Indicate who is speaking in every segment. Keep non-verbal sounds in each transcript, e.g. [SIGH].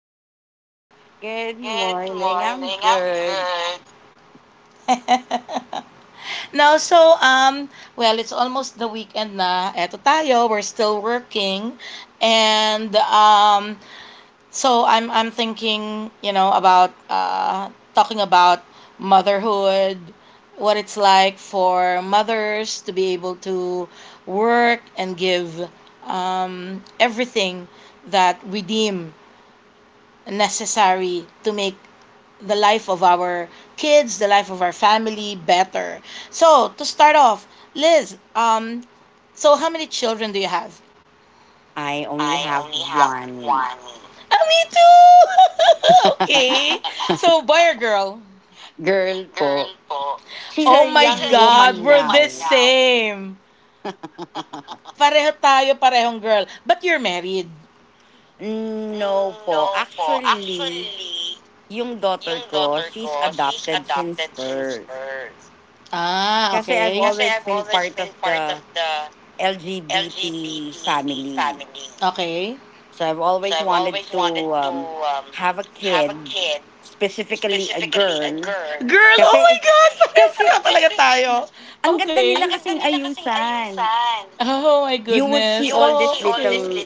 Speaker 1: today?
Speaker 2: Good morning. I'm good.
Speaker 1: [LAUGHS] no, so well, it's almost the weekend na. Eto tayo, we're still working, and um, so I'm thinking, you know, about talking about motherhood, what it's like for mothers to be able to work and give everything that we deem necessary to make the life of our kids, the life of our family better. So, to start off, Liz, so how many children do you have?
Speaker 2: I only have one
Speaker 1: Ah, me too! [LAUGHS] okay.
Speaker 2: [LAUGHS]
Speaker 1: So, boy or girl?
Speaker 2: girl po. She's
Speaker 1: Oh
Speaker 2: a
Speaker 1: my
Speaker 2: young
Speaker 1: God,
Speaker 2: woman
Speaker 1: we're the
Speaker 2: now.
Speaker 1: same. Pareho tayo, parehong girl. But you're married.
Speaker 2: No po. Actually, yung daughter ko, she's adopted since birth.
Speaker 1: Ah,
Speaker 2: Kasi I've
Speaker 1: okay.
Speaker 2: always been part of the LGBT family.
Speaker 1: Okay.
Speaker 2: So I've always wanted to have a kid, specifically a girl.
Speaker 1: Girl, oh my
Speaker 2: Kasi
Speaker 1: gosh!
Speaker 2: kasi.
Speaker 1: Pareho-pareho talaga tayo.
Speaker 2: Ang ganda
Speaker 1: Okay.
Speaker 2: nila kasing ayusan.
Speaker 1: Oh my
Speaker 2: You would
Speaker 1: goodness.
Speaker 2: see all these
Speaker 1: Oh, okay.
Speaker 2: little
Speaker 1: Okay.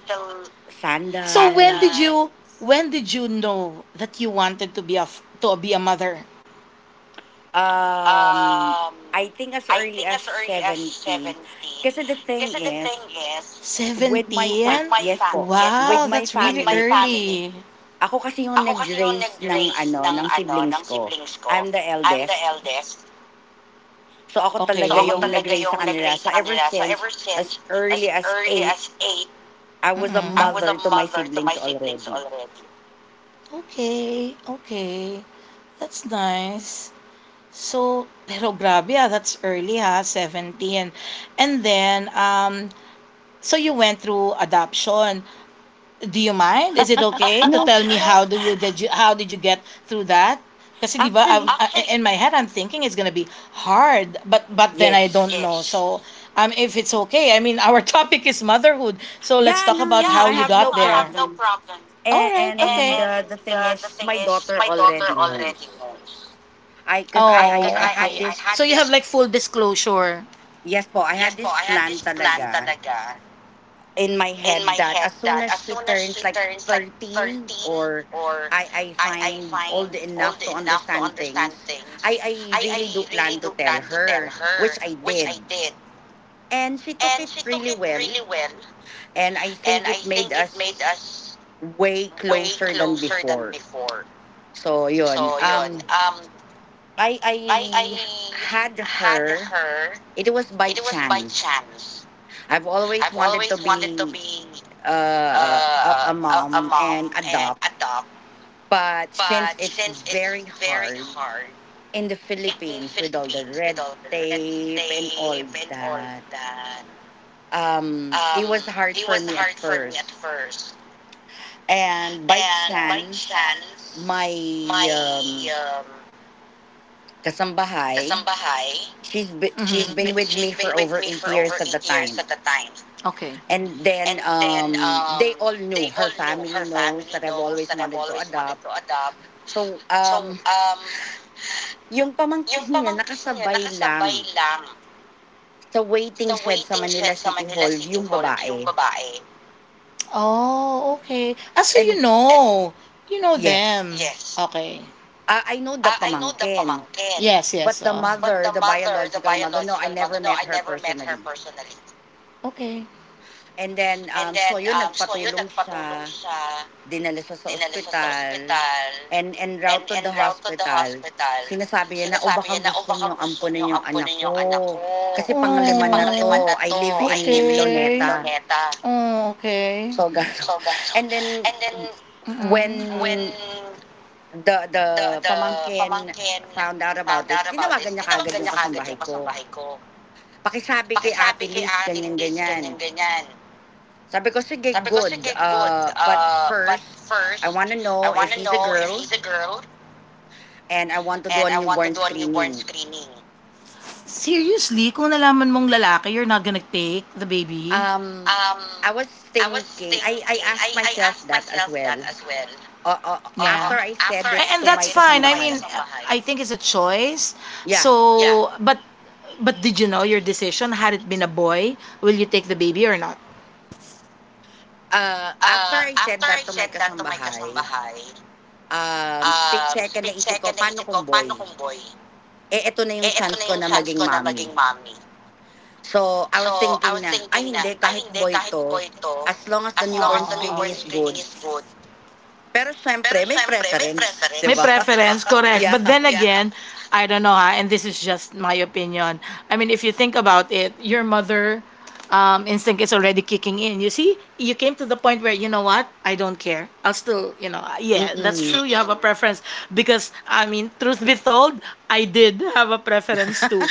Speaker 1: So sana. when did
Speaker 2: sandals.
Speaker 1: you when did you know that you wanted to be a mother?
Speaker 2: Um, I think as early as
Speaker 1: Was
Speaker 2: 17. Kasi the thing is,
Speaker 1: 17.
Speaker 2: yes po, with
Speaker 1: Wow,
Speaker 2: my
Speaker 1: that's really early.
Speaker 2: family,
Speaker 1: Family.
Speaker 2: ako kasi yung nag-raise ng ano, ng siblings ko. I'm the eldest. So ako
Speaker 1: Okay.
Speaker 2: talaga yung nag-raise sa kanila. So ever since as early as 8, I was a
Speaker 1: Mm-mm.
Speaker 2: mother to my siblings already.
Speaker 1: Okay, okay. That's nice. So, [LAUGHS] pero grabe ah, that's early ha, 17. And then, so you went through adoption. Do you mind? Is it okay to
Speaker 2: No,
Speaker 1: tell me well, how do you did you how did you get through that? Kasi 'di ba,
Speaker 2: actually,
Speaker 1: in my head I'm thinking it's gonna be hard, but then I don't
Speaker 2: yes.
Speaker 1: know. So, if it's okay, I mean our [LAUGHS] topic is motherhood, so let's
Speaker 2: Yeah,
Speaker 1: talk
Speaker 2: no,
Speaker 1: about
Speaker 2: no, I
Speaker 1: how you
Speaker 2: have no
Speaker 1: got there.
Speaker 2: problem.
Speaker 1: All
Speaker 2: And,
Speaker 1: right, okay.
Speaker 2: and uh, the thing is, my daughter already knows. I, cause I,
Speaker 1: Oh,
Speaker 2: I, I had
Speaker 1: okay.
Speaker 2: this,
Speaker 1: So you have this like full disclosure.
Speaker 2: yes po, I had this plan talaga in my head that as soon as she turns like 13 or I find old enough to understand things, I really do plan to tell her, which I did. And she took it really well. And I think it made us way closer than before. So, yun. I had her, it was by chance. I've always wanted to be a mom and adopt. But since it's very hard in the Philippines with all the red tape and all that, it was hard for me at first. And by chance, my um, kasambahay, she's
Speaker 1: Mhm.
Speaker 2: been with me for over 8 years at the time.
Speaker 1: Okay.
Speaker 2: And then they all knew. Her family knows that I've always wanted to adopt. So yung pamangkin niya nakasabay lang sa waiting shed sa Manila City Hall, yung babae.
Speaker 1: Oh, okay. Ah, so you
Speaker 2: And
Speaker 1: know. You know
Speaker 2: yes,
Speaker 1: them. Okay.
Speaker 2: I know the pamangkin,
Speaker 1: Yes,
Speaker 2: but
Speaker 1: yes.
Speaker 2: the
Speaker 1: Oh,
Speaker 2: mother the biological mother no, I never met her personally.
Speaker 1: okay.
Speaker 2: And then so yun, nagpatulong siya. Dinala siya sa ospital, and en route to the hospital, sinasabi niya na, "O baka gusto niyo ampunin yung anak ko, kasi panglima na
Speaker 1: Oh.
Speaker 2: 'to. I live in
Speaker 1: Okay. Okay.
Speaker 2: Luneta."
Speaker 1: Oh, okay.
Speaker 2: So, gano'n. And then,
Speaker 1: Mm-mm.
Speaker 2: when the pamangkin found out about this, tinawagan niya kaagad yung kasambahay ko. Pakisabi kay Ate Liz, ganyan-ganyan. Sabi ko, sige, good. But first, I want to know if she's a girl and I want to do a newborn screening.
Speaker 1: Seriously, kung nalaman mong lalaki, you're not gonna take the baby?
Speaker 2: Um, I was thinking, I asked myself that as well. Uh, uh, after
Speaker 1: Yeah.
Speaker 2: I said it
Speaker 1: And
Speaker 2: to
Speaker 1: that's
Speaker 2: my
Speaker 1: fine. I mean,
Speaker 2: kasambahay,
Speaker 1: I think it's a choice. Yeah.
Speaker 2: yeah,
Speaker 1: So, but did you know your decision? Had it been a boy, will you take the baby or not?
Speaker 2: after I said that to my kasambahay, split second naisip ko, paano kung boy? Eh, eto na yung chance ko na maging mommy. So, I was thinking na, ay hindi, kahit boy to, as long as the newborn screening is good. Pero syempre, may preference, di
Speaker 1: May
Speaker 2: ba?
Speaker 1: preference,
Speaker 2: [LAUGHS]
Speaker 1: correct.
Speaker 2: yeah.
Speaker 1: But then [LAUGHS] again, I don't know, ha, and this is just my opinion. I mean, if you think about it, your mother instinct is already kicking in. You see, you came to the point where, you know what, I don't care. I'll still, you know, yeah, that's
Speaker 2: Mm-mm.
Speaker 1: true. You have a preference because, I mean, truth be told, I did have a preference too.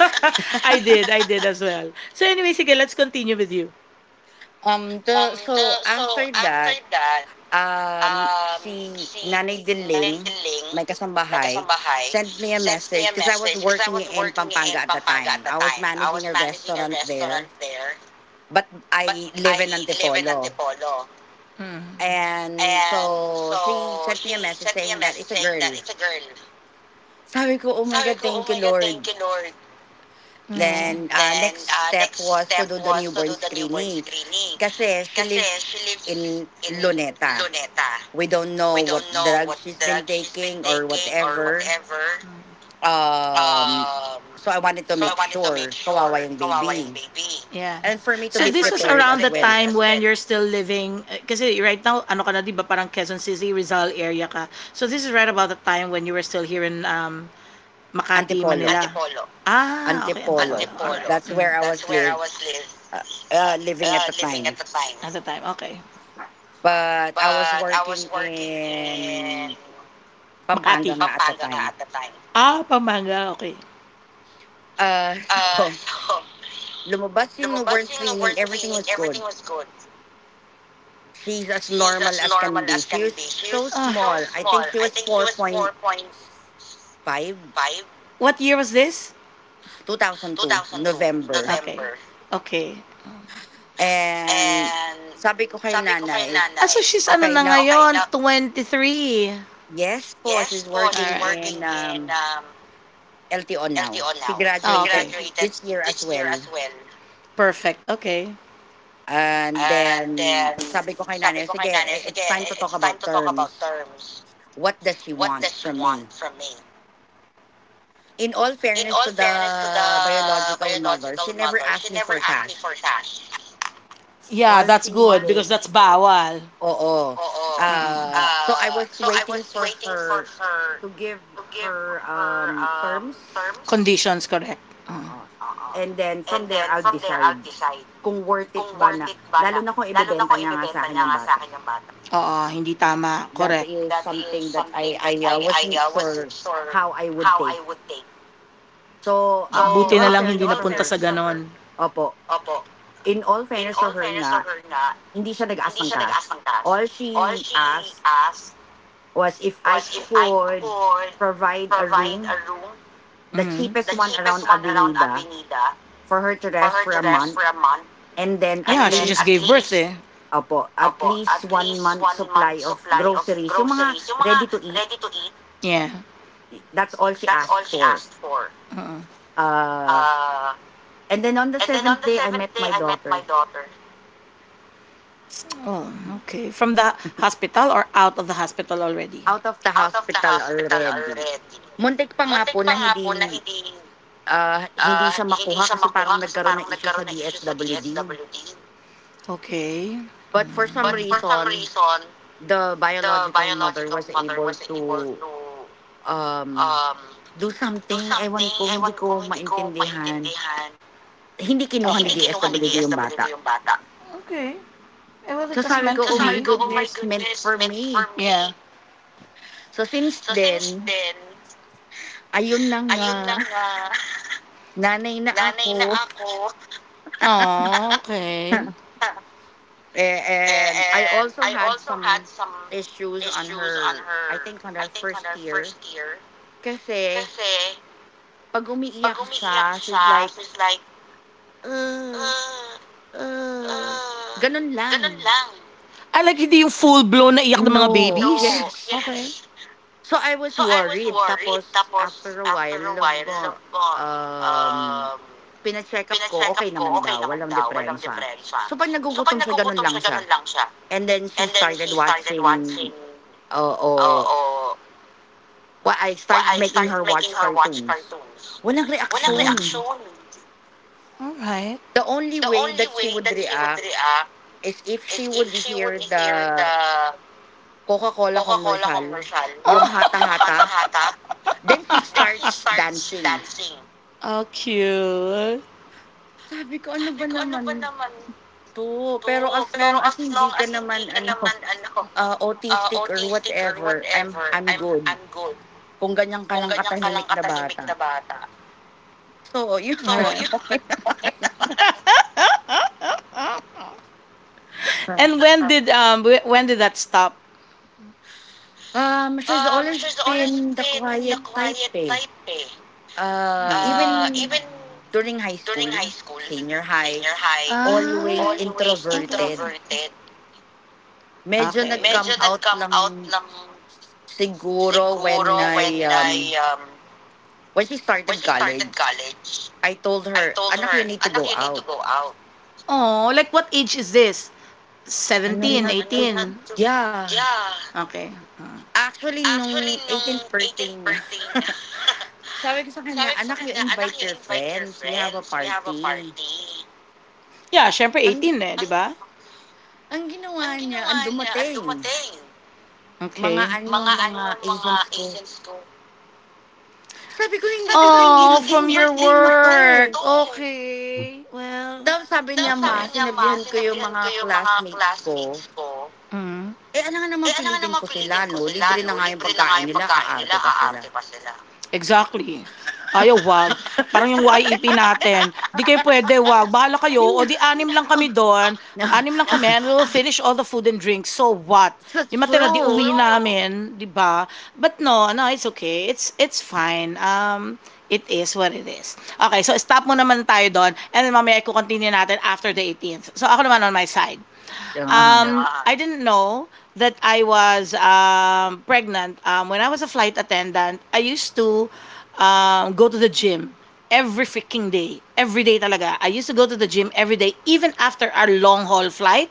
Speaker 1: [LAUGHS] I did as well. So, anyway, sige, let's continue with you.
Speaker 2: Um, the so after that, si Nanay Diling, my kasambahay, sent me a message because I was working in Pampanga at the time. I was managing a restaurant there, but I live in Antipolo. And so she sent me a message saying that it's a girl. Sabi ko, oh my God, thank you, Lord. Then next step was to do the newborn screening. Kasi she lives in Luneta. We don't know what drug she's been taking or whatever. Um, so I wanted to make sure kawawa yung baby.
Speaker 1: Yeah.
Speaker 2: And for me to
Speaker 1: So
Speaker 2: be
Speaker 1: this was
Speaker 2: prepared
Speaker 1: around
Speaker 2: as
Speaker 1: the
Speaker 2: well.
Speaker 1: time when you're still living eh, kasi right now ano ka na, di ba parang Quezon City, Rizal area ka. So this is right about the time when you were still here in Makati, Ate
Speaker 2: Antipolo.
Speaker 1: Manila. Ah, okay.
Speaker 2: Antipolo. That's
Speaker 1: Mm,
Speaker 2: where I was live, uh, uh, living at the time.
Speaker 1: at the time. Okay.
Speaker 2: But I was working in Pampanga
Speaker 1: Makati.
Speaker 2: nga at the time.
Speaker 1: Ah, Pampanga. Okay.
Speaker 2: [LAUGHS] So, lumabas yung newborn screening. Everything was good. She's as normal as can be. She was so
Speaker 1: Ah,
Speaker 2: small. I think she was 4.5.
Speaker 1: four point. What year was this? Two.
Speaker 2: 2002, November.
Speaker 1: Okay.
Speaker 2: And sabi ko kay nanay,
Speaker 1: Ah, so nanay. She's ano
Speaker 2: okay
Speaker 1: na
Speaker 2: na,
Speaker 1: ngayon? 23.
Speaker 2: yes po, she's working
Speaker 1: Alright.
Speaker 2: in LTO
Speaker 1: LTC.
Speaker 2: now. She
Speaker 1: Oh,
Speaker 2: graduated this year as well.
Speaker 1: perfect. Okay.
Speaker 2: And then sabi ko kay nanay, sige, it's time to talk about terms. What does she want from me? In all fairness to the biological mother, she never asked me for cash.
Speaker 1: Yeah,
Speaker 2: All
Speaker 1: that's
Speaker 2: she
Speaker 1: good because
Speaker 2: needed.
Speaker 1: that's bawal.
Speaker 2: Oo.
Speaker 1: Oh,
Speaker 2: Ah, so I
Speaker 1: mm-mm.
Speaker 2: was waiting for her to give her, terms,
Speaker 1: Conditions, correct. Mm.
Speaker 2: oo. And then from there I'll decide kung worth it ba na lalo na kung ibebenta niya nga sa akin yung bata.
Speaker 1: Oo, hindi tama.
Speaker 2: That
Speaker 1: Correct.
Speaker 2: is something that I wasn't sure how I would take. So,
Speaker 1: Oh,
Speaker 2: in
Speaker 1: buti na
Speaker 2: all
Speaker 1: lang hindi
Speaker 2: fairness to
Speaker 1: napunta
Speaker 2: her,
Speaker 1: sa stubborn. Ganon.
Speaker 2: opo. In all fairness to her nga, hindi siya nag-ask ng cash. All she asked was if I could provide a room, the
Speaker 1: Mm.
Speaker 2: cheapest one around Avenida, for her to rest for a month, and then at
Speaker 1: Yeah, she just
Speaker 2: least
Speaker 1: gave birth least- eh.
Speaker 2: opo, at least one month supply of groceries. Yung mga ready to eat,
Speaker 1: Yeah.
Speaker 2: that's all she asked for.
Speaker 1: Mm.
Speaker 2: Uh, and then on the seventh day, I met my daughter,
Speaker 1: Oh, okay. From the hospital or out of the hospital already?
Speaker 2: out of the hospital already. Muntik pa nga po na hindi, hindi siya makuha kasi parang nagkaroon na issue sa DSWD.
Speaker 1: Okay.
Speaker 2: But for some reason, the biological mother was able to um Do something, ewan ko, hindi ko maintindihan. Hindi kinuha
Speaker 1: Okay.
Speaker 2: ni DSWD yung
Speaker 1: Okay.
Speaker 2: bata.
Speaker 1: Okay. Eh, well,
Speaker 2: So
Speaker 1: it was
Speaker 2: sabi
Speaker 1: meant
Speaker 2: ko,
Speaker 1: to
Speaker 2: oh my
Speaker 1: be.
Speaker 2: goodness, meant for me.
Speaker 1: Yeah.
Speaker 2: So since then, ayun na nga, [LAUGHS] nanay na ako.
Speaker 1: Ah, okey.
Speaker 2: [LAUGHS] Eh, and I also had some issues on her, I think on her first year. Kasi pag umiiyak siya, she's like, uh, uh, ganun lang.
Speaker 1: Ah, like hindi yung full-blown na iyak ng mga No.
Speaker 2: No, [LAUGHS]
Speaker 1: babies?
Speaker 2: yes.
Speaker 1: Okey.
Speaker 2: So, I was worried tapos after a while love ko, um, pina-check-up ko okay naman daw, walang diferensya. So, 'pag nagugutom siya gano'n lang siya, and then she started watching. Oo. I started making her watch cartoons. Walang reaksyon.
Speaker 1: Alright.
Speaker 2: The only way that she would react is if she would hear the Coca-Cola commercial, yung Hata Hata, then she starts dancing.
Speaker 1: Oh, cute.
Speaker 2: Sabi ko, "Ano ba naman to, pero as long as hindi ka naman ano, [LAUGHS] autistic or whatever, I'm good. Kung ganyan ka lang katahimik na bata. So, yun, [LAUGHS] okay
Speaker 1: [LAUGHS]
Speaker 2: lang.
Speaker 1: And when did that stop?
Speaker 2: She's always been the quiet type eh. Ah, even during high school, senior high, always
Speaker 1: Ah,
Speaker 2: introverted. Medyo
Speaker 1: okay.
Speaker 2: nag-come out lang siguro when she started college. I told her, "Anak, you need to go out."
Speaker 1: Oh, like what age is this?
Speaker 2: Ano
Speaker 1: 17,
Speaker 2: na to?
Speaker 1: 18.
Speaker 2: Yeah.
Speaker 1: Okay. Ah.
Speaker 2: Actually, nung 18 birthday niya, [LAUGHS] sabi ko sa kanya, anak, you invite your friends. We have a party.
Speaker 1: Yeah, syempre
Speaker 2: Ang,
Speaker 1: 18 eh, di ba?
Speaker 2: ang ginawa niya, ang dumating. Mga
Speaker 1: Okay.
Speaker 2: ano, mga agents ko. Sabi ko, hindi to team building. Birthday mo to.
Speaker 1: Work. Okay. Well,
Speaker 2: Tapos sabi niya, ma, sinabihan ko yung mga classmates ko.
Speaker 1: mm.
Speaker 2: Eh, ano nga naman pilitin ko sila, no? Libre na nga yung pagkain nila, aarte pa sila.
Speaker 1: Exactly. Ayaw, wag.
Speaker 2: [LAUGHS]
Speaker 1: Parang yung YEP natin. Di kayo pwede, wag. Bahala kayo.
Speaker 2: Hindi
Speaker 1: O
Speaker 2: na.
Speaker 1: di anim lang
Speaker 2: Oh,
Speaker 1: kami doon.
Speaker 2: no.
Speaker 1: Anim lang kami and we'll finish all the food and drinks. So what?
Speaker 2: It's
Speaker 1: Yung matira, di uwi
Speaker 2: true.
Speaker 1: namin, di ba? But no, no, it's okay. It's fine. It is what it is. Okay, so stop mo naman tayo doon. And then mamaya i-continue natin after the 18th. So ako naman on my side.
Speaker 2: Uh-huh.
Speaker 1: I didn't know that I was pregnant. When I was a flight attendant, I used to go to the gym every freaking day. Every day talaga. I used to go to the gym every day, even after our long haul flight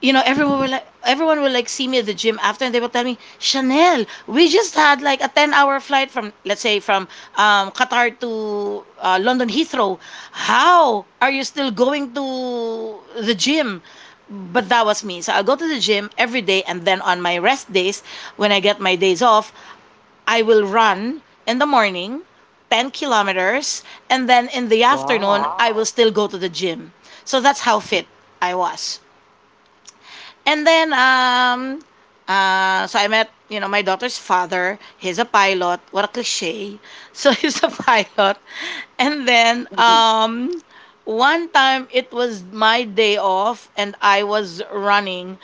Speaker 1: you know, everyone will like see me at the gym after, and they will tell me, Chanel, we just had like a 10-hour flight from, let's say, from Qatar to London Heathrow. How are you still going to the gym? But that was me. So I'll go to the gym every day, and then on my rest days, when I get my days off, I will run in the morning 10 kilometers, and then in the afternoon
Speaker 2: Wow.
Speaker 1: I will. Wow. Still go to the gym. So that's how fit I was. And then, so I met, you know, my daughter's father. He's a pilot. What a cliche. So [LAUGHS] he's a pilot. And then,
Speaker 2: [LAUGHS]
Speaker 1: one time it was my day off and I was running.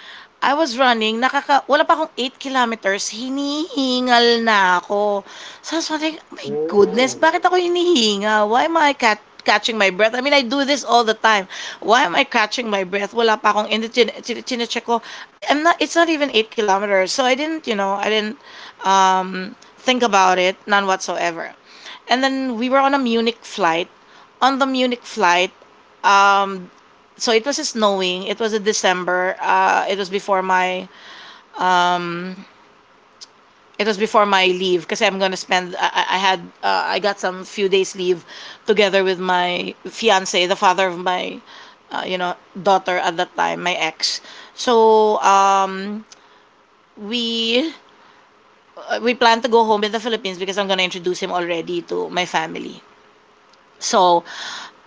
Speaker 1: Nakaka wala pa akong 8 kilometers, hinihingal na ako. So I was wondering, "Oh my goodness, Oh.
Speaker 2: Oh.
Speaker 1: Bakit ako hinihingal? Why am I catching my breath? I mean, I do this all the time. Why am I catching my breath? Wala pa akong, and chin, chin, chinecheck ko, I'm not, it's not even 8 kilometers. So I didn't, you know, I didn't think about it, none whatsoever. And then we were on a Munich flight on the Munich flight, um, so it was snowing. It was in December. It was before my leave because I'm gonna spend. I got some few days leave together with my fiance, the father of my uh, you know daughter at that time, my ex. So we plan to go home in the Philippines because I'm gonna introduce him already to my family. So,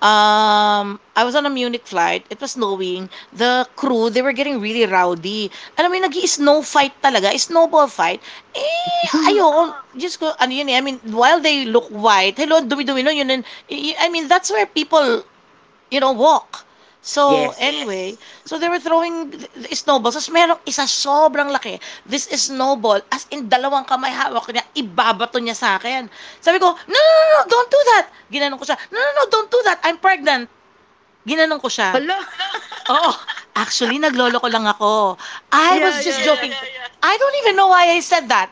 Speaker 1: I was on a Munich flight. It was snowing. The crew, they were getting really rowdy. Alam mo yung nag-snow fight talaga, snowball fight. Eh,
Speaker 2: [LAUGHS]
Speaker 1: ayoko. Just ko, ano yun eh, I mean, while they look white, hello, ang dumi-dumi nun, yun, I mean, that's where people you know, walk. So,
Speaker 2: yes.
Speaker 1: anyway, so they were throwing snowballs. Tapos merong isa sobrang laki. This is snowball. As in, dalawang kamay hawak niya, ibabato niya sa akin. Sabi ko, no, no, no, no, don't do that. Ginanon ko siya, no, no, no, don't do that. I'm pregnant. Ginanon ko siya.
Speaker 2: Hello. [LAUGHS]
Speaker 1: Oo, actually, naglolo ko lang ako. I was
Speaker 2: Yeah,
Speaker 1: just
Speaker 2: yeah, yeah.
Speaker 1: joking. I don't even know why I said that.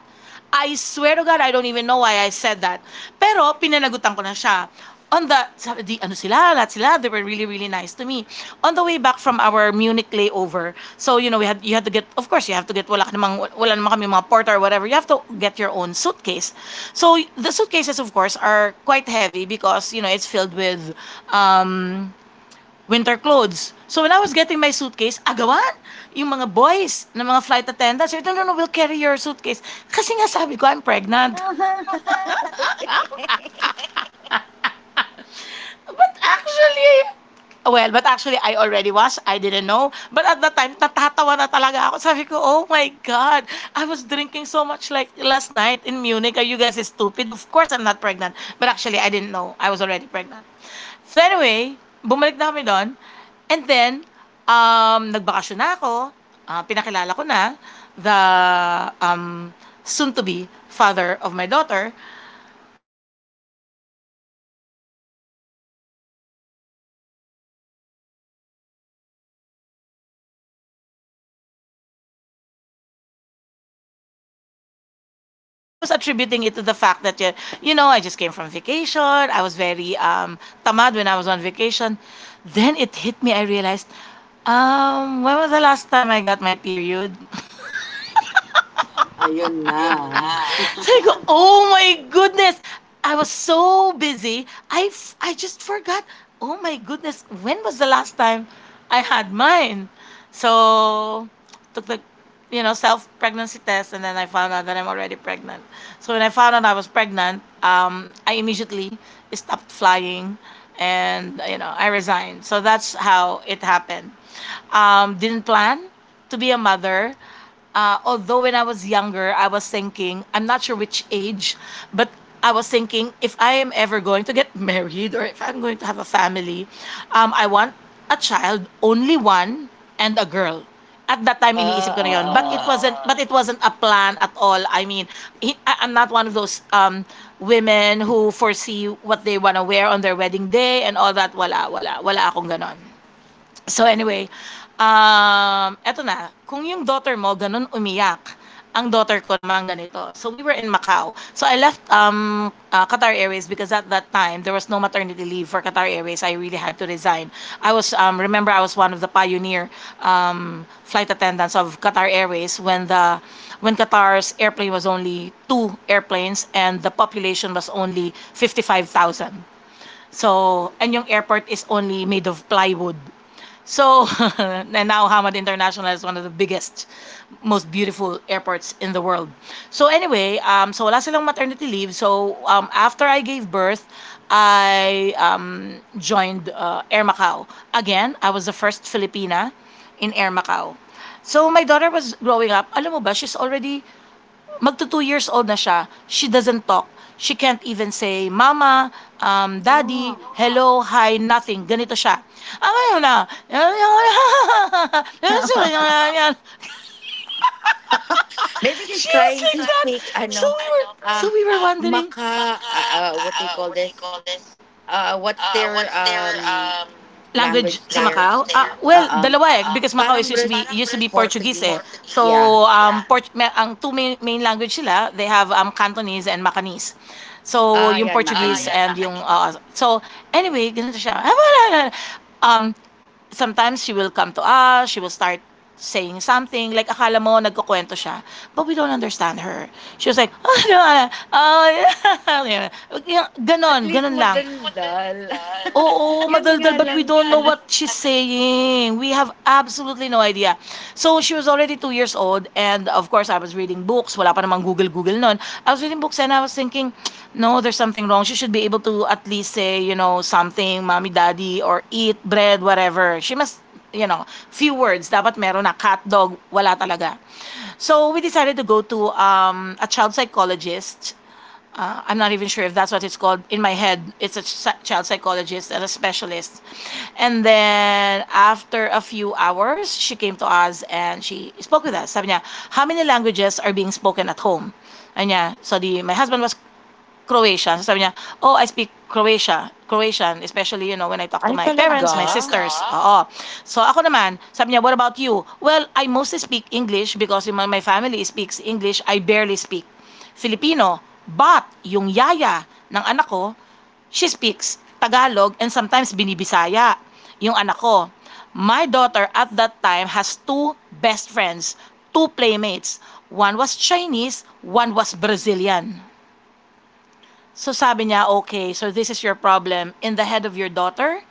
Speaker 1: I swear to God, I don't even know why I said that. Pero, pinanagutan ko na siya. On the, sabi, di, ano sila, lahat sila, they were really, really nice to me. On the way back from our Munich layover, so, you know, you had to get, of course, you have to get, wala ka namang, wala naman kami mga porter or whatever, you have to get your own suitcase. So, the suitcases, of course, are quite heavy because, you know, it's filled with, um, winter clothes. So when I was getting my suitcase, agawan, yung mga boys na mga flight attendants, sabi, no, no, no, we'll carry your suitcase. Kasi nga sabi ko, I'm pregnant. [LAUGHS]
Speaker 2: [LAUGHS] okay.
Speaker 1: But actually, but actually, I already was. I didn't know. But at that time, natatawa na talaga ako. Sabi ko, oh my God, I was drinking so much like last night in Munich. Are you guys stupid? Of course, I'm not pregnant. But actually, I didn't know. I was already pregnant. So anyway, bumalik na kami do'n and then, nagbakasyon na ako, ah, pinakilala ko na the, um, soon to be father of my daughter. Nakabalik na ako ng, Qatar. Again, I started exercising, this time 5 kilometers pa lang, hinihingal na. So I go okay, there's something wrong. And then I was attributing it to the fact that, you know, I just came from vacation. I was very tamad when I was on vacation. Then it hit me, I realized, when was the last time I got my period?
Speaker 2: Ayun na.
Speaker 1: Sabi ko,
Speaker 2: [LAUGHS]
Speaker 1: oh my goodness! I was so busy, I just forgot, oh my goodness, when was the last time I had mine? So, took the, you know, self-pregnancy test and then I found out that I'm already pregnant. So, when I found out I was pregnant, I immediately stopped flying and, you know, I resigned. So, that's how it happened. Didn't plan to be a mother. Although when I was younger, I was thinking, I'm not sure which age, but I was thinking if I am ever going to get [LAUGHS] married or if I'm going to have a family, I want a child, only one, and a girl. At that time,
Speaker 2: Ah,
Speaker 1: iniisip ko na yun.
Speaker 2: ah, ah.
Speaker 1: Wasn't, But it wasn't a plan at all. I mean, I'm not one of those women who foresee what they want to wear on their wedding day and all that. Wala, wala. Wala akong ganon. So anyway, eto na, kung yung daughter mo ganun umiyak, ang daughter ko naman ganito. So we were in Macau. So I left Qatar Airways because at that time there was no maternity leave for Qatar Airways. I really had to resign. Remember, I was one of the pioneer flight attendants of Qatar Airways when Qatar's airplane was only two airplanes and the population was only 55,000. So, and yung airport is only made of plywood. So, [LAUGHS] and now Hamad International is one of the biggest, most beautiful airports in the world. So anyway, so wala silang maternity leave. So after I gave birth, I joined Air Macau. Again, I was the first Filipina in Air Macau. So my daughter was growing up, alam mo ba, she's already magto 2 years old na siya, she doesn't talk. She can't even say, Mama, Daddy,
Speaker 2: Oh.
Speaker 1: hello, hi, nothing. Ganito siya. Ang ngayon na,
Speaker 2: [LAUGHS]
Speaker 1: [LAUGHS]
Speaker 2: Maybe he's
Speaker 1: she was
Speaker 2: trying to
Speaker 1: like that.
Speaker 2: speak,
Speaker 1: So
Speaker 2: ano,
Speaker 1: we were,
Speaker 2: uh,
Speaker 1: so we were wondering,
Speaker 2: What they call this? What's their
Speaker 1: language
Speaker 2: language
Speaker 1: sa Language
Speaker 2: there?
Speaker 1: Macau? Ah, well,
Speaker 2: Uh-uh.
Speaker 1: dalawa eh. Oo. Because Macau is
Speaker 2: Parang
Speaker 1: used to be used to be Portuguese. Eh.
Speaker 2: Portuguese.
Speaker 1: Portuguese.
Speaker 2: Yeah.
Speaker 1: So, yeah. Ang two main language sila, they have Cantonese and Macanese. So
Speaker 2: Ah,
Speaker 1: yung
Speaker 2: yan,
Speaker 1: Portuguese. Ah, yeah, and
Speaker 2: Macanese.
Speaker 1: Macanese. Yung so anyway, ganito siya. Ah, Um Sometimes she will come to us, she will start saying something, like akala mo nagkukwento siya, but we don't understand her. She was like, [LAUGHS] oh, no, oh, yeah. [LAUGHS]
Speaker 2: At
Speaker 1: Ganon,
Speaker 2: least
Speaker 1: ganon lang. [LAUGHS]
Speaker 2: madaldal.
Speaker 1: Oo,
Speaker 2: [LAUGHS] Yun nga
Speaker 1: madaldal, but we
Speaker 2: lang
Speaker 1: don't know
Speaker 2: ano.
Speaker 1: what she's saying. We have absolutely no idea. So, she was already two years old old and of course I was reading books. Wala pa namang Google Google noon. I was reading books and I was thinking, no, there's something wrong. She should be able to at least say, something, mommy, daddy, or eat bread, whatever. She must, few words. Dapat meron na cat dog, wala talaga. So we decided to go to a child psychologist, I'm not even sure if that's what it's called. In my head, it's a child psychologist and a specialist. And then after a few hours, she came to us and she spoke with us. Sabi niya, how many languages are being spoken at home? And yeah, so my husband was Croatian. So sabi niya, oh, I speak Croatian, especially, you know, when I talk to
Speaker 2: Ay,
Speaker 1: my parents,
Speaker 2: talaga?
Speaker 1: my sisters. Oo. So ako naman, sabi niya, what about you? Well, I mostly speak English because my family speaks English. I barely speak Filipino. But yung yaya ng anak ko, she speaks Tagalog and sometimes binibisaya yung anak ko. My daughter at that time has two best friends, two playmates. One was Chinese, one was Brazilian. So sabi niya, okay, so this is your problem. In the head of your daughter,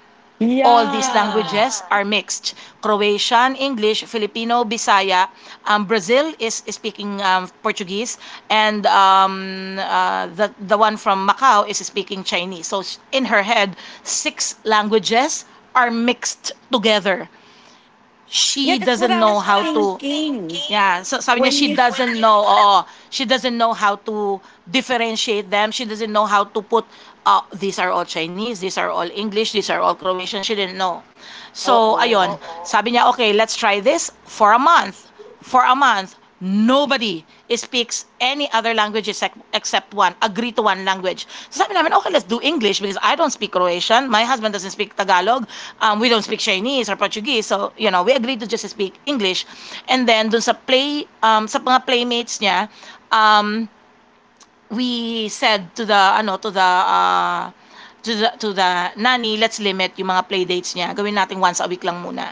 Speaker 1: all these, yeah,
Speaker 2: Yeah.
Speaker 1: languages are mixed. Croatian, English, Filipino, Bisaya. Um, Brazil is speaking Portuguese. And the one from Macau is speaking Chinese. So in her head, six languages are mixed together.
Speaker 2: Yeah,
Speaker 1: She
Speaker 2: that's what
Speaker 1: doesn't
Speaker 2: I was
Speaker 1: know how to.
Speaker 2: thinking.
Speaker 1: Yeah, so sabi niya
Speaker 2: When
Speaker 1: she
Speaker 2: you
Speaker 1: doesn't know. Oo. She doesn't know how to differentiate them. She doesn't know how to put these are all Chinese, these are all English, these are all Croatian. She didn't know.
Speaker 2: [LAUGHS]
Speaker 1: So,
Speaker 2: Oo.
Speaker 1: ayun. Sabi niya, okay, let's try this for a month. For a month. Nobody speaks any other language except, one. Agree to one language. So sabi namin, okay, let's do English because I don't speak Croatian. My husband doesn't speak Tagalog. Um, we don't speak Chinese or Portuguese. So, you know, we agreed to just speak English. And then, dun sa play, sa mga playmates niya, um, we said to the, ano, to the nanny, let's limit yung mga playdates niya. Gawin natin once a week lang muna.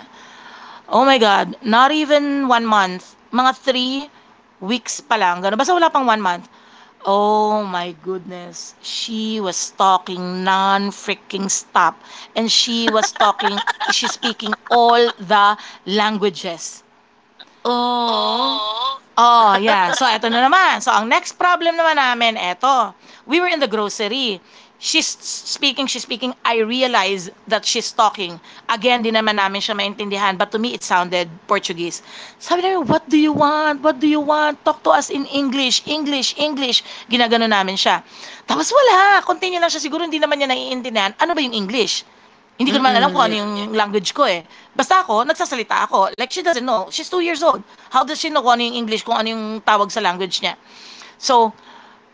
Speaker 1: Oh my God, not even 1 month, mga 3 weeks pa lang, gano'n, basta wala pang 1 month. Oh my goodness, she was talking non-freaking stop and she was talking, [LAUGHS] she's speaking all the languages.
Speaker 2: Oh.
Speaker 1: Oh, yeah. So, eto na naman. So, ang next problem naman namin, eto. We were in the grocery. She's speaking, she's speaking. I realize that she's talking. Again, di naman namin siya maintindihan. But to me, it sounded Portuguese. Sabi namin, what do you want? What do you want? Talk to us in English, English, English. Ginagano namin siya. Tapos wala. Continue lang siya. Siguro hindi naman niya naiintindihan. Ano ba yung English? Hindi ko naman alam kung
Speaker 2: Mm-mm.
Speaker 1: ano yung language ko eh. Basta ako, nagsasalita ako. Like, she doesn't know. She's 2 years old. How does she know kung ano yung English, kung ano yung tawag sa language niya? So,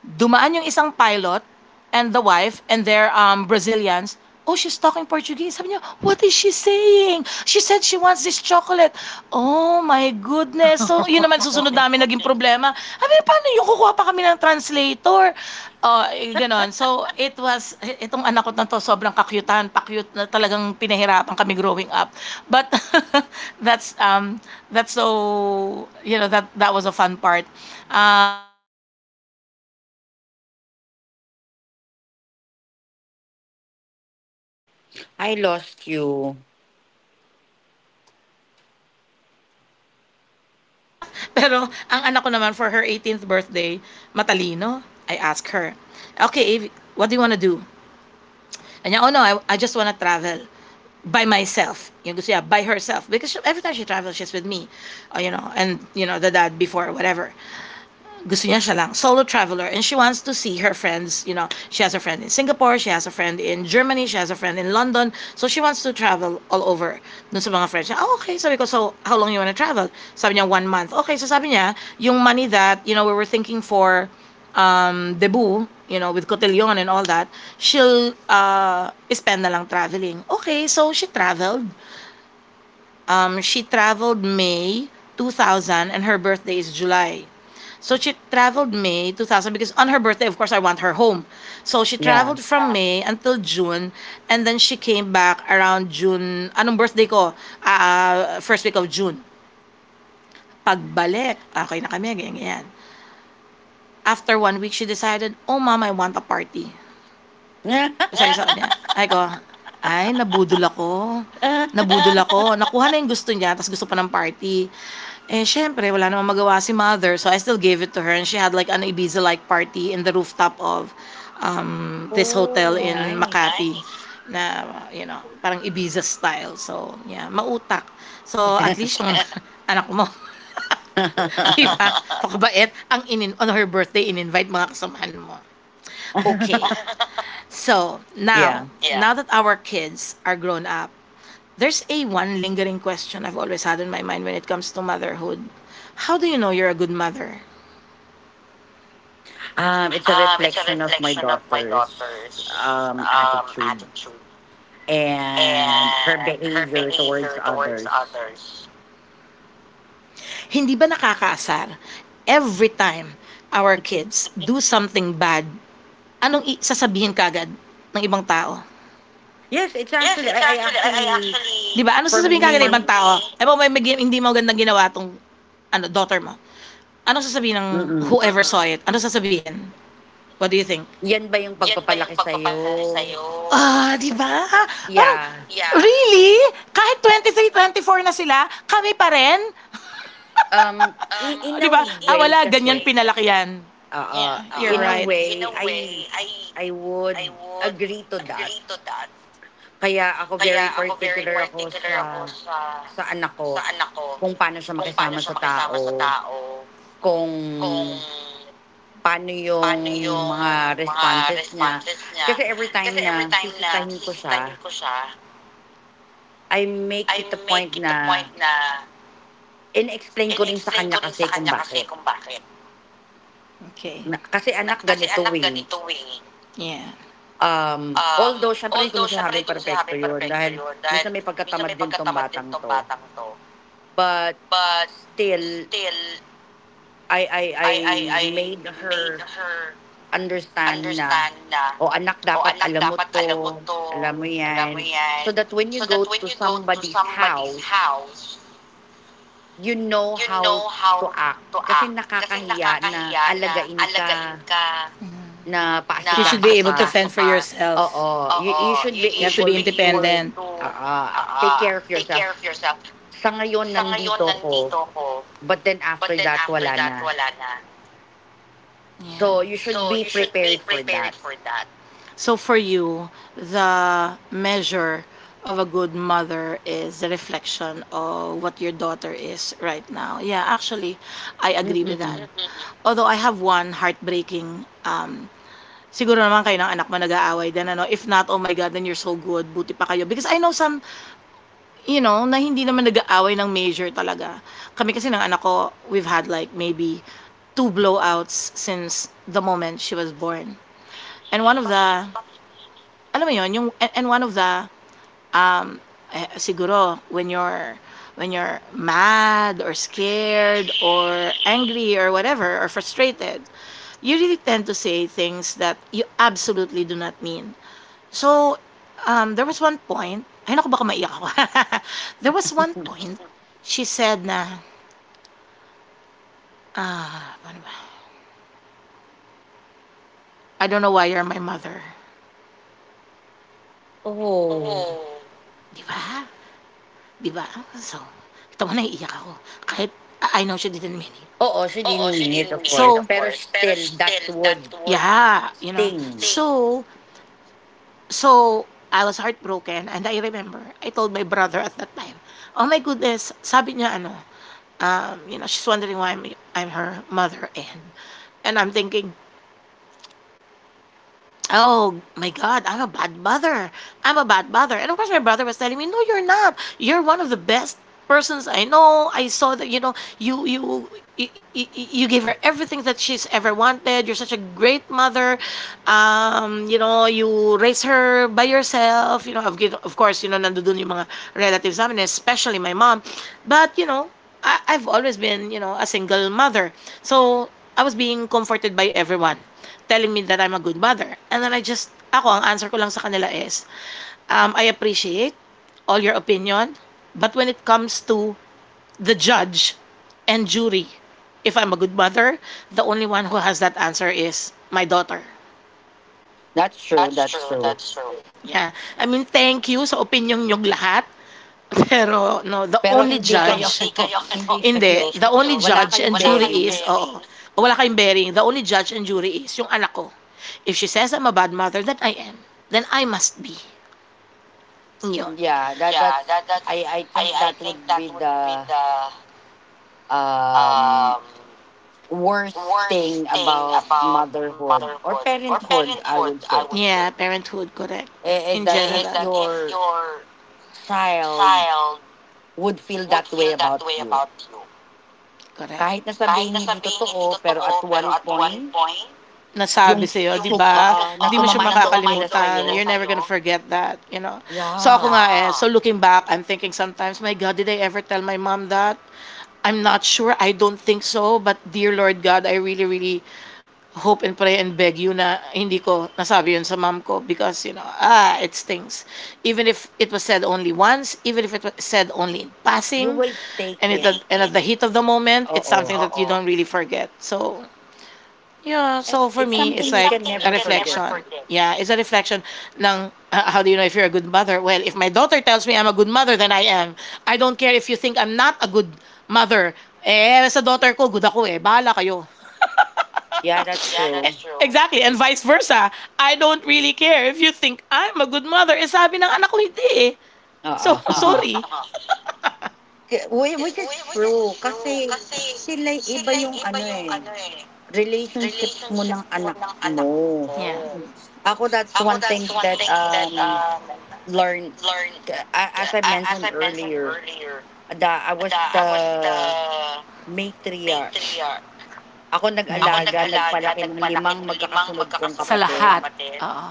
Speaker 1: dumaan yung isang pilot and the wife and their Brazilians. Oh, she's talking Portuguese. Sabi niya, what is she saying? She said she wants this chocolate. Oh my goodness. So, yun naman susunod namin
Speaker 2: [LAUGHS]
Speaker 1: naging problema. I mean, paano yung kukuha pa kami ng translator? Eh, ganon. So, it was mas, eh, itong anak ko na to, sobrang kakyutahan, pakyut na talagang pinahirapan kami growing up. But [LAUGHS] that's, that's so, you know, that was a fun part. Yan, she's always been madaldal and all. That's the reason why probably ngayon, di ba, journalist yung anak ko. And
Speaker 2: I lost you.
Speaker 1: that's what we had a problem with her growing up. [LAUGHS] Pero ang anak ko naman for her 18th birthday, matalino, I ask her, okay, Avi, what do you want to do? Kanya, oh no, I just wanna travel by myself. Yung gusto niya, by herself. Because she, every time she travels, she's with me. You know, and, you know, the dad before, whatever. Gusto niya siya lang, solo traveler, and she wants to see her friends, you know, she has a friend in Singapore, she has a friend in Germany, she has a friend in London, so she wants to travel all over dun sa mga friends niya. Oh, okay, sabi ko, so how long you wanna travel? Sabi niya, 1 month. Okay, so sabi niya, yung money that, you know, we were thinking for debut, you know, with Cotillon and all that, she'll spend na lang traveling. Okay, so she traveled. She traveled May 2000 and her birthday is July. So she traveled May 2000 because on her birthday, of course, I want her home. So she
Speaker 2: Yeah.
Speaker 1: traveled from May until June and then she came back around June. Anong birthday ko? Ah, ah, First week of June. Pagbalik, okay na kami, ganyan, ganyan. After 1 week, she decided, oh mom, I want a party.
Speaker 2: [LAUGHS]
Speaker 1: Sabi Ay ko, ay nabudol ako. Nabudol ako. Nakuha na yung gusto niya, tapos gusto pa ng party. Eh, syempre, wala namang magawa si mother. So, I still gave it to her. And she had like an Ibiza-like party in the rooftop of this hotel
Speaker 2: oh,
Speaker 1: in
Speaker 2: nice.
Speaker 1: Makati na, you know, parang Ibiza style. So, yeah, mautak. So, at
Speaker 2: [LAUGHS]
Speaker 1: least yung [LAUGHS] anak mo, [LAUGHS] di ba? Pakabait. On her birthday, in-invite mga kasamahan mo. Okay. So
Speaker 2: yeah.
Speaker 1: now, now that our kids are grown up, there's a one lingering question I've always had in my mind when it comes to motherhood. How do you know you're a good mother?
Speaker 2: It's a reflection of my daughter's attitude and her behavior towards others.
Speaker 1: Hindi ba nakakaasar every time our
Speaker 2: [LAUGHS]
Speaker 1: kids do something bad, anong sasabihin kagad ng ibang tao?
Speaker 2: Yes, it's actually, I actually,
Speaker 1: Di ba? Anong
Speaker 2: for
Speaker 1: sasabihin kagad ng ibang
Speaker 2: me,
Speaker 1: tao? Eh, ba, hindi mo gandang ginawa tong ano, daughter mo. Anong sasabihin ng
Speaker 2: mm
Speaker 1: whoever saw it? Anong sasabihin? What do you think?
Speaker 2: yan ba yung pagpapalaki sa'yo?
Speaker 1: Ah, di ba? Parang,
Speaker 2: Yeah.
Speaker 1: really? Kahit 23, 24 na sila, kami pa rin?
Speaker 2: In
Speaker 1: Di
Speaker 2: a
Speaker 1: ba? Ah,
Speaker 2: way
Speaker 1: wala, ganyan
Speaker 2: kasi,
Speaker 1: pinalakihan. Yeah, you're
Speaker 2: in a
Speaker 1: right.
Speaker 2: way, I would agree to that. Kaya ako very particular ako sa anak ko kung paano siya makisama sa tao, kung paano yung mga responses niya. Kasi every time na sisitahin ko siya, I make it a point na in-explain ko rin sa kanya kasi kung bakit.
Speaker 1: Okay,
Speaker 2: Na, kasi anak ganito eh.
Speaker 1: yeah.
Speaker 2: Although, syempre hindi ko na sinabing perfecto yun dahil minsan may pagkatamad din tong batang to. But still, I made her understand na, "O anak dapat alam mo 'to, alam mo 'yan." So that when you go to somebody's house, you know how to act. Kasi nakakahiya na alagain ka, na
Speaker 1: You should be
Speaker 2: paasikaso
Speaker 1: able to
Speaker 2: ka.
Speaker 1: fend for yourself.
Speaker 2: Oo, you should
Speaker 1: You
Speaker 2: be
Speaker 1: have to be
Speaker 2: able to
Speaker 1: independent.
Speaker 2: oo, take care of yourself. Sa ngayon nandito ko but then after that wala na. So
Speaker 1: Yeah.
Speaker 2: you should be prepared for that.
Speaker 1: So for you, the measure of a good mother is the reflection of what your daughter is right now. Yeah, actually, I agree with that.
Speaker 2: Mm.
Speaker 1: Although I have one heartbreaking siguro naman kayo ng anak mo nag-aaway din ano, if not, oh my god, then you're so good, buti pa kayo, because I know some na hindi naman nag-aaway ng major talaga. Kami kasi ng anak ko, we've had like maybe two blowouts since the moment she was born. And one of the, alam mo 'yon, yung and one of the, um, siguro when you're mad or scared or angry or whatever or frustrated, you really tend to say things that you absolutely do not mean. So, there was one point, ay naku baka maiyak ako. [LAUGHS] There was one point, she said na, ah, paano ba? I don't know why you're my mother.
Speaker 2: Oh.
Speaker 1: Di ba? Di ba? So, kita mo, naiiyak ako. Kahit I know she didn't mean it.
Speaker 2: Oo, she didn't mean it, of course.
Speaker 1: So,
Speaker 2: Pero still, that would
Speaker 1: yeah, you know.
Speaker 2: sting.
Speaker 1: So I was heartbroken, and I remember I told my brother at that time, "Oh my goodness," sabi niya ano, you know, she's wondering why I'm her mother, and I'm thinking, "Oh my god, I'm a bad mother. I'm a bad mother." And of course my brother was telling me, "No, you're not. You're one of the best persons I know. I saw that, you know, you you, you give her everything that she's ever wanted. You're such a great mother. You know, you raise her by yourself. You know, of course, you know, nandoon yung mga relatives namin, especially my mom. But, you know, I've always been, you know, a single mother. So, I was being comforted by everyone telling me that I'm a good mother. And then I just, ako, ang answer ko lang sa kanila is, I appreciate all your opinion, but when it comes to the judge and jury. If I'm a good mother, the only one who has that answer is my daughter.
Speaker 2: That's true, that's true.
Speaker 1: Yeah. I mean, thank you sa opinion niyong lahat. [LAUGHS] Pero, no, the
Speaker 2: Pero
Speaker 1: only
Speaker 2: hindi kayo, [LAUGHS]
Speaker 1: judge,
Speaker 2: ano, hindi
Speaker 1: hindi,
Speaker 2: kayo,
Speaker 1: the only
Speaker 2: wala
Speaker 1: judge and
Speaker 2: kayong
Speaker 1: jury
Speaker 2: bearing.
Speaker 1: is, oo, wala kayong bearing. The only judge and jury is yung anak ko. If she says I'm a bad mother, then I am. Then I must be. Yun.
Speaker 2: Yeah, I think that would be the um, worst thing about motherhood or parenthood, I would say,
Speaker 1: Yeah, parenthood, correct. In
Speaker 2: is that
Speaker 1: general,
Speaker 2: if your child would feel that way about you,
Speaker 1: correct.
Speaker 2: kahit na sabihin hindi totoo, pero at one point, yung
Speaker 1: Nasabi sa'yo, di ba?
Speaker 2: oo, na
Speaker 1: Hindi mo siya
Speaker 2: sumama yung loob nila
Speaker 1: makakalimutan.
Speaker 2: sa'yo.
Speaker 1: You're never gonna forget that, you know? So ako
Speaker 2: Yeah,
Speaker 1: nga eh, so looking back, I'm thinking sometimes, my God, did I ever tell my mom that? I'm not sure. I don't think so. But dear Lord God, I really, really hope and pray and beg you na hindi ko nasabi yun sa mom ko because, you know, ah, it stings. Even if it was said only once, even if it was said only in
Speaker 2: you
Speaker 1: passing,
Speaker 2: will take
Speaker 1: and, it,
Speaker 2: it,
Speaker 1: and at the heat of the moment, it's
Speaker 2: oo.
Speaker 1: something that you don't really forget. So, yeah,
Speaker 2: Eh,
Speaker 1: so for
Speaker 2: it's
Speaker 1: me, it's
Speaker 2: something you
Speaker 1: like
Speaker 2: can
Speaker 1: a
Speaker 2: never
Speaker 1: reflection.
Speaker 2: forget.
Speaker 1: Yeah, it's a reflection ng how do you know if you're a good mother? Well, if my daughter tells me I'm a good mother, then I am. I don't care if you think I'm not a good mother. Eh, sa daughter ko, good ako eh. Bahala kayo.
Speaker 2: Yeah, that's true.
Speaker 1: Exactly, and vice versa. I don't really care if you think I'm a good mother. Eh, sabi ng anak ko, hindi eh.
Speaker 2: Oo.
Speaker 1: So, [LAUGHS] oo,
Speaker 2: [LAUGHS]
Speaker 1: sorry.
Speaker 2: Ke whi which is true kasi sila iba yung ano, eh, relationship mo ng anak mo.
Speaker 1: Yeah.
Speaker 2: Ako that's one thing that, learn as I mentioned earlier, I was the matriarch. Ako
Speaker 1: Yeah.
Speaker 2: nag-alaga,
Speaker 1: Yeah.
Speaker 2: nagpalaki ng limang magkakasunod kong
Speaker 1: Sa Sa
Speaker 2: kapatid.
Speaker 1: lahat. Oo.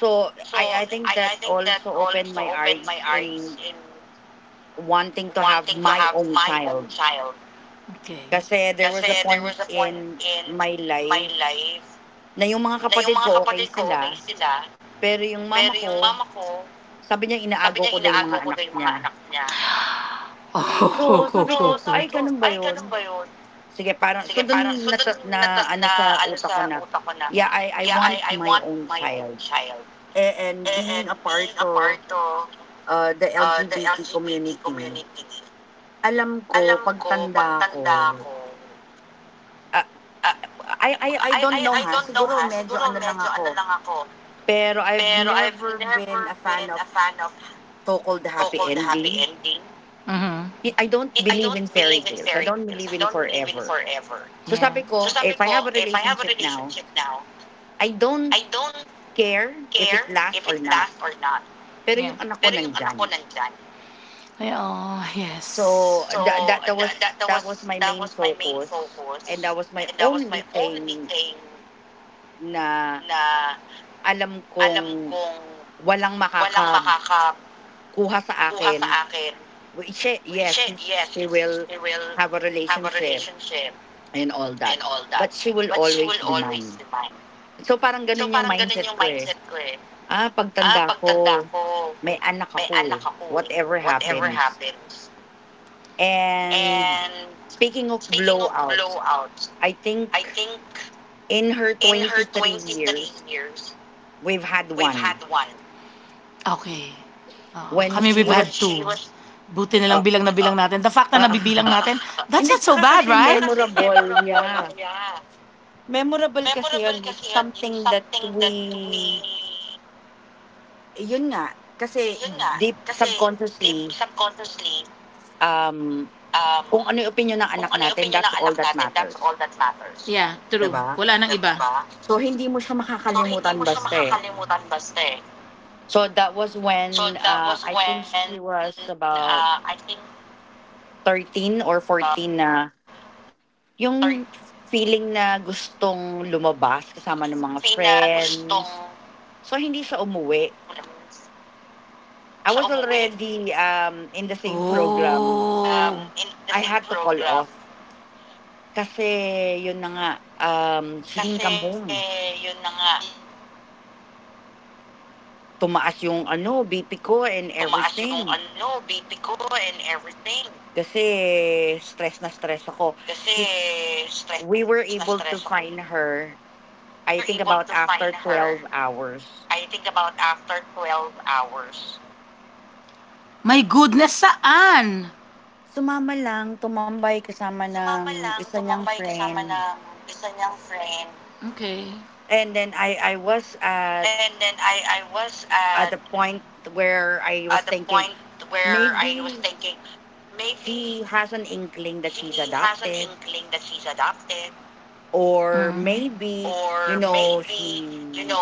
Speaker 2: So, I think that also opened my eyes in wanting to have my own child.
Speaker 1: Okay.
Speaker 2: Kasi there was a point in my life na yung mga kapatid ko okay sila, pero yung mama ko, sabi niya inaagaw ko daw yung mga anak niya. So, sabi
Speaker 1: Oh. [LAUGHS]
Speaker 2: ko, "Ay ganun ba yun?" Sige parang so dun nata na ano sa utak ko na, yeah, I want my own child. Eh, and being a part of the LGBT community, alam ko pagtanda ko, ah, I don't know ha, siguro medyo ano lang ako, pero I've never been a fan of so-called happy ending.
Speaker 1: Mm-hmm.
Speaker 2: I don't believe in fairy tales. I don't believe in forever. So
Speaker 1: Yeah.
Speaker 2: sabi ko, if I have a relationship now, I don't care if it lasts or not. Pero
Speaker 1: Yeah.
Speaker 2: yung anak ko nandyan.
Speaker 1: Well, yes.
Speaker 2: So
Speaker 1: So,
Speaker 2: that was my main focus and that was my only thing na alam kong walang makakakuha sa akin. She, yes, she will have a relationship and all that, but she will always be mine. So, parang gano'n yung mindset ko, eh. Pagtanda ko, may anak ako, eh, whatever happens. And speaking of blowouts, I think in her 23 years, we've had one.
Speaker 1: okay. Oo,
Speaker 2: When
Speaker 1: kami we've
Speaker 2: she
Speaker 1: had
Speaker 2: was,
Speaker 1: two. Buti na
Speaker 2: uh,
Speaker 1: lang bilang na bilang natin. The fact na nabibilang
Speaker 2: [LAUGHS]
Speaker 1: natin, that's
Speaker 2: Hindi,
Speaker 1: not so
Speaker 2: tsaka
Speaker 1: bad,
Speaker 2: kasi
Speaker 1: right?
Speaker 2: memorable, yeah. Memorable kasi yun, it's something that we yun nga, kasi deep subconsciously, um, kung ano yung opinyon ng anak natin, that's all that matters,
Speaker 1: Yeah, true.
Speaker 2: 'di ba?
Speaker 1: Wala nang iba.
Speaker 2: So, hindi mo siya makakalimutan basta, eh. So, that was when, I think she was about 13 or 14 na yung feeling na gustong lumabas kasama ng mga friends. So, hindi siya umuwi. I was already, in the
Speaker 1: Oh.
Speaker 2: same program. I had to call off kasi yun na nga, she didn't come home. Tumaas yung ano, BP ko and everything kasi stress na stress ako. She we were able to find her, I think about after 12 hours.
Speaker 1: My goodness, saan?
Speaker 2: Sumama lang, tumambay kasama ng isa niyang friend.
Speaker 1: Okay.
Speaker 2: And then I was at the point where I was thinking, maybe she has an inkling that she's adopted, or
Speaker 1: Mm,
Speaker 2: maybe, you know, she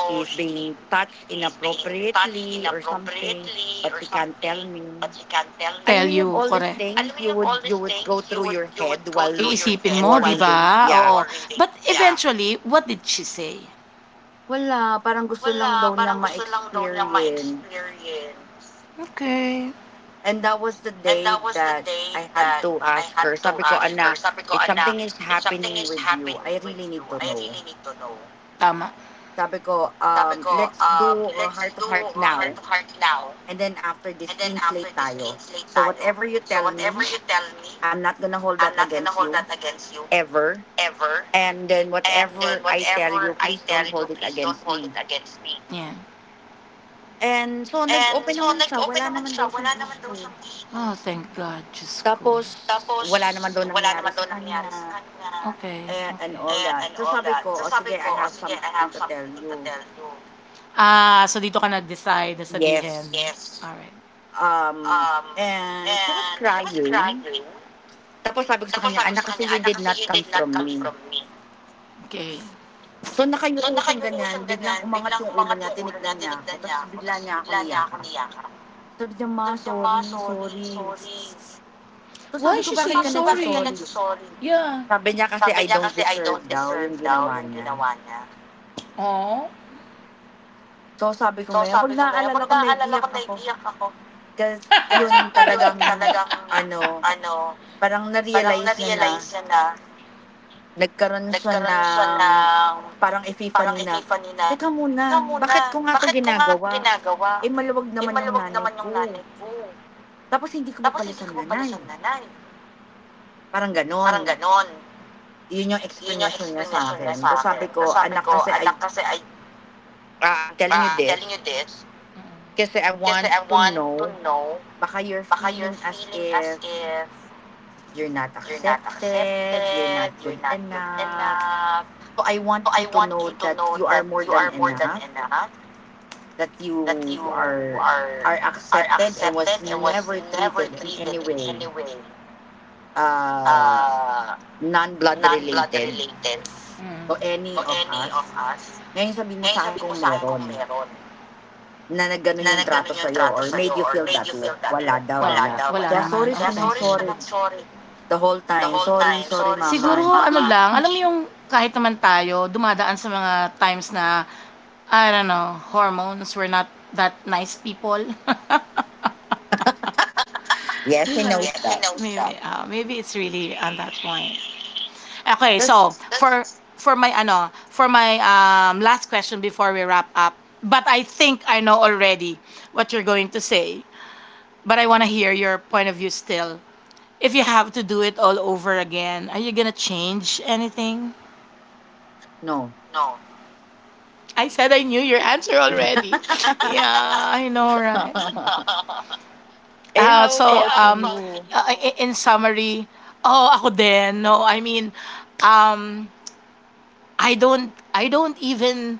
Speaker 2: is being touched inappropriately or something, but she can't tell me. Alam mo yung
Speaker 1: you,
Speaker 2: all these
Speaker 1: correct.
Speaker 2: things you would go through your head while worrying, yeah.
Speaker 1: Eventually, what did she say?
Speaker 2: Wala, parang gusto lang daw niya ma-experience,
Speaker 1: Okay.
Speaker 2: and that was the day that I had to ask her. Sabi ko, anak, if something is happening with you, I really need to know.
Speaker 1: Tama.
Speaker 2: Sabi ko, "Let's do a heart to heart now, and then after this, clean slate tayo. So whatever you tell me, I'm not gonna hold that against you, ever. And then whatever I tell you, please don't hold it against me."
Speaker 1: Yeah.
Speaker 2: And so, nag-open naman siya. Wala naman daw siyang issue.
Speaker 1: Thank God. Diyos ko.
Speaker 2: Tapos, wala naman daw nangyari sa kanya,
Speaker 1: Okay,
Speaker 2: eh, and all that.
Speaker 1: okay.
Speaker 2: So, sabi ko, o sige, I have something to tell you.
Speaker 1: Ah, so dito ka nag-decide na sabihin.
Speaker 2: Yes.
Speaker 1: Alright.
Speaker 2: And she was crying. Tapos sabi ko sa kanya, "Anak, kasi you did not come from me."
Speaker 1: Okay.
Speaker 2: So, nakayuko siyang ganyan, biglang umangat yung ulo niya, tinignan niya ako, tapos bigla niya ako niyakap. Sabi niya, "Ma, sorry, sorry." So,
Speaker 1: Why
Speaker 2: sabi ko,
Speaker 1: she say
Speaker 2: "Bakit ka nagso—"
Speaker 1: sorry? Yeah.
Speaker 2: Sabi niya kasi, "I don't deserve daw yung ginawa niya."
Speaker 1: Oo.
Speaker 2: So, sabi ko, ngayon, 'pag naaalala ko, naiiyak ako. Kasi yun talagang ano, parang na-realize niya na nagkaroon siya ng parang epiphany na, "Teka muna, bakit ko nga 'to ginagawa? Eh, maluwag naman yung nanay ko, tapos hindi ko pa pala siya nanay." Parang gano'n. 'Yun yung explanation niya sa akin. Tapos sabi ko, "Anak, kasi I, I'm telling you this
Speaker 1: Oh.
Speaker 2: kasi I want to know baka you're feeling as if you're not accepted, you're not good enough. So I want you to know that you are more than enough, that you are are accepted and was never treated in any way, uh, non-blood related, to
Speaker 1: Mm.
Speaker 2: any of us. Ngayon sabihin mo sa akin kung meron na nagganon yung trato sa'yo or made you feel that way."
Speaker 1: Okay,
Speaker 2: Wala daw,
Speaker 1: wala
Speaker 2: wala.
Speaker 1: wala
Speaker 2: Kaya
Speaker 1: naman,
Speaker 2: sorry siya
Speaker 1: oh.
Speaker 2: ng sorry the whole time. Sorry, sorry,
Speaker 1: Siguro Siguro,
Speaker 2: mama.
Speaker 1: ano lang, alam mo yung kahit naman tayo dumadaan sa mga times na I don't know, hormones, we're not that nice people. [LAUGHS]
Speaker 2: Yes, she knows that.
Speaker 1: Yeah, maybe it's really on that point. Okay, so
Speaker 2: Just,
Speaker 1: for my ano, for my last question before we wrap up. But I think I know already what you're going to say, but I want to hear your point of view still. If you have to do it all over again, are you going to change anything?
Speaker 2: no.
Speaker 1: I said I knew your answer already. [LAUGHS] Yeah, I know, right?
Speaker 2: [LAUGHS]
Speaker 1: Uh,
Speaker 2: How
Speaker 1: so,
Speaker 2: about
Speaker 1: um, uh,
Speaker 2: you?
Speaker 1: i- in summary, oh, ako din. No, I mean, um, I don't even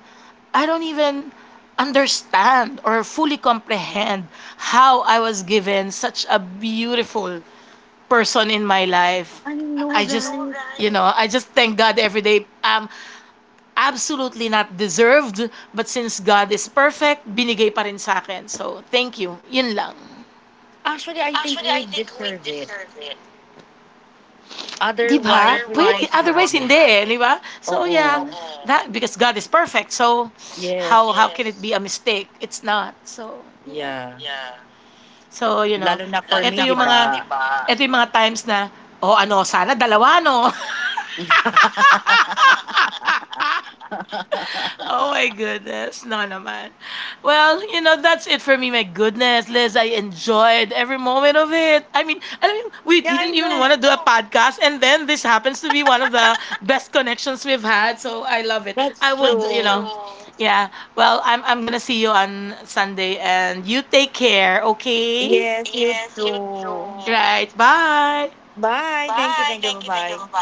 Speaker 1: I don't even understand or fully comprehend how I was given such a beautiful person in my life.
Speaker 2: I know,
Speaker 1: I just,
Speaker 2: right?
Speaker 1: you know, I just thank God every day. Absolutely not deserved, but since God is perfect, binigay pa rin sa akin. So, thank you. Yun lang.
Speaker 2: Actually, I think we deserve it.
Speaker 1: Diba,
Speaker 2: Otherwise,
Speaker 1: ba?
Speaker 2: we
Speaker 1: Pwede,
Speaker 2: won't have
Speaker 1: otherwise
Speaker 2: it.
Speaker 1: hindi, 'di ba? So yeah,
Speaker 2: Oo.
Speaker 1: that because God is perfect. So how
Speaker 2: Yes.
Speaker 1: can it yes be a mistake? It's not. So yeah.
Speaker 2: Yeah.
Speaker 1: So you know,
Speaker 2: Lalo na for
Speaker 1: ito
Speaker 2: me, di
Speaker 1: yung me, mga
Speaker 2: ba?
Speaker 1: ito yung mga times na oh ano, sana dalawa no. [LAUGHS]
Speaker 2: [LAUGHS] Yeah,
Speaker 1: Oh my goodness, no naman. Well, you know, that's it for me. My goodness, Liz, I enjoyed every moment of it. I mean, alam mo, yung- we
Speaker 2: I
Speaker 1: didn't even
Speaker 2: know.
Speaker 1: want to do a podcast and then this happens to be one of the best connections we've had. So I love it. I
Speaker 2: That's
Speaker 1: would, you know,
Speaker 2: true.
Speaker 1: yeah. Well, I'm gonna see you on Sunday, and you take care. Okay.
Speaker 2: Yes, you too.
Speaker 1: Right. Bye.
Speaker 2: Bye. Thank you. Thank you. Bye-bye.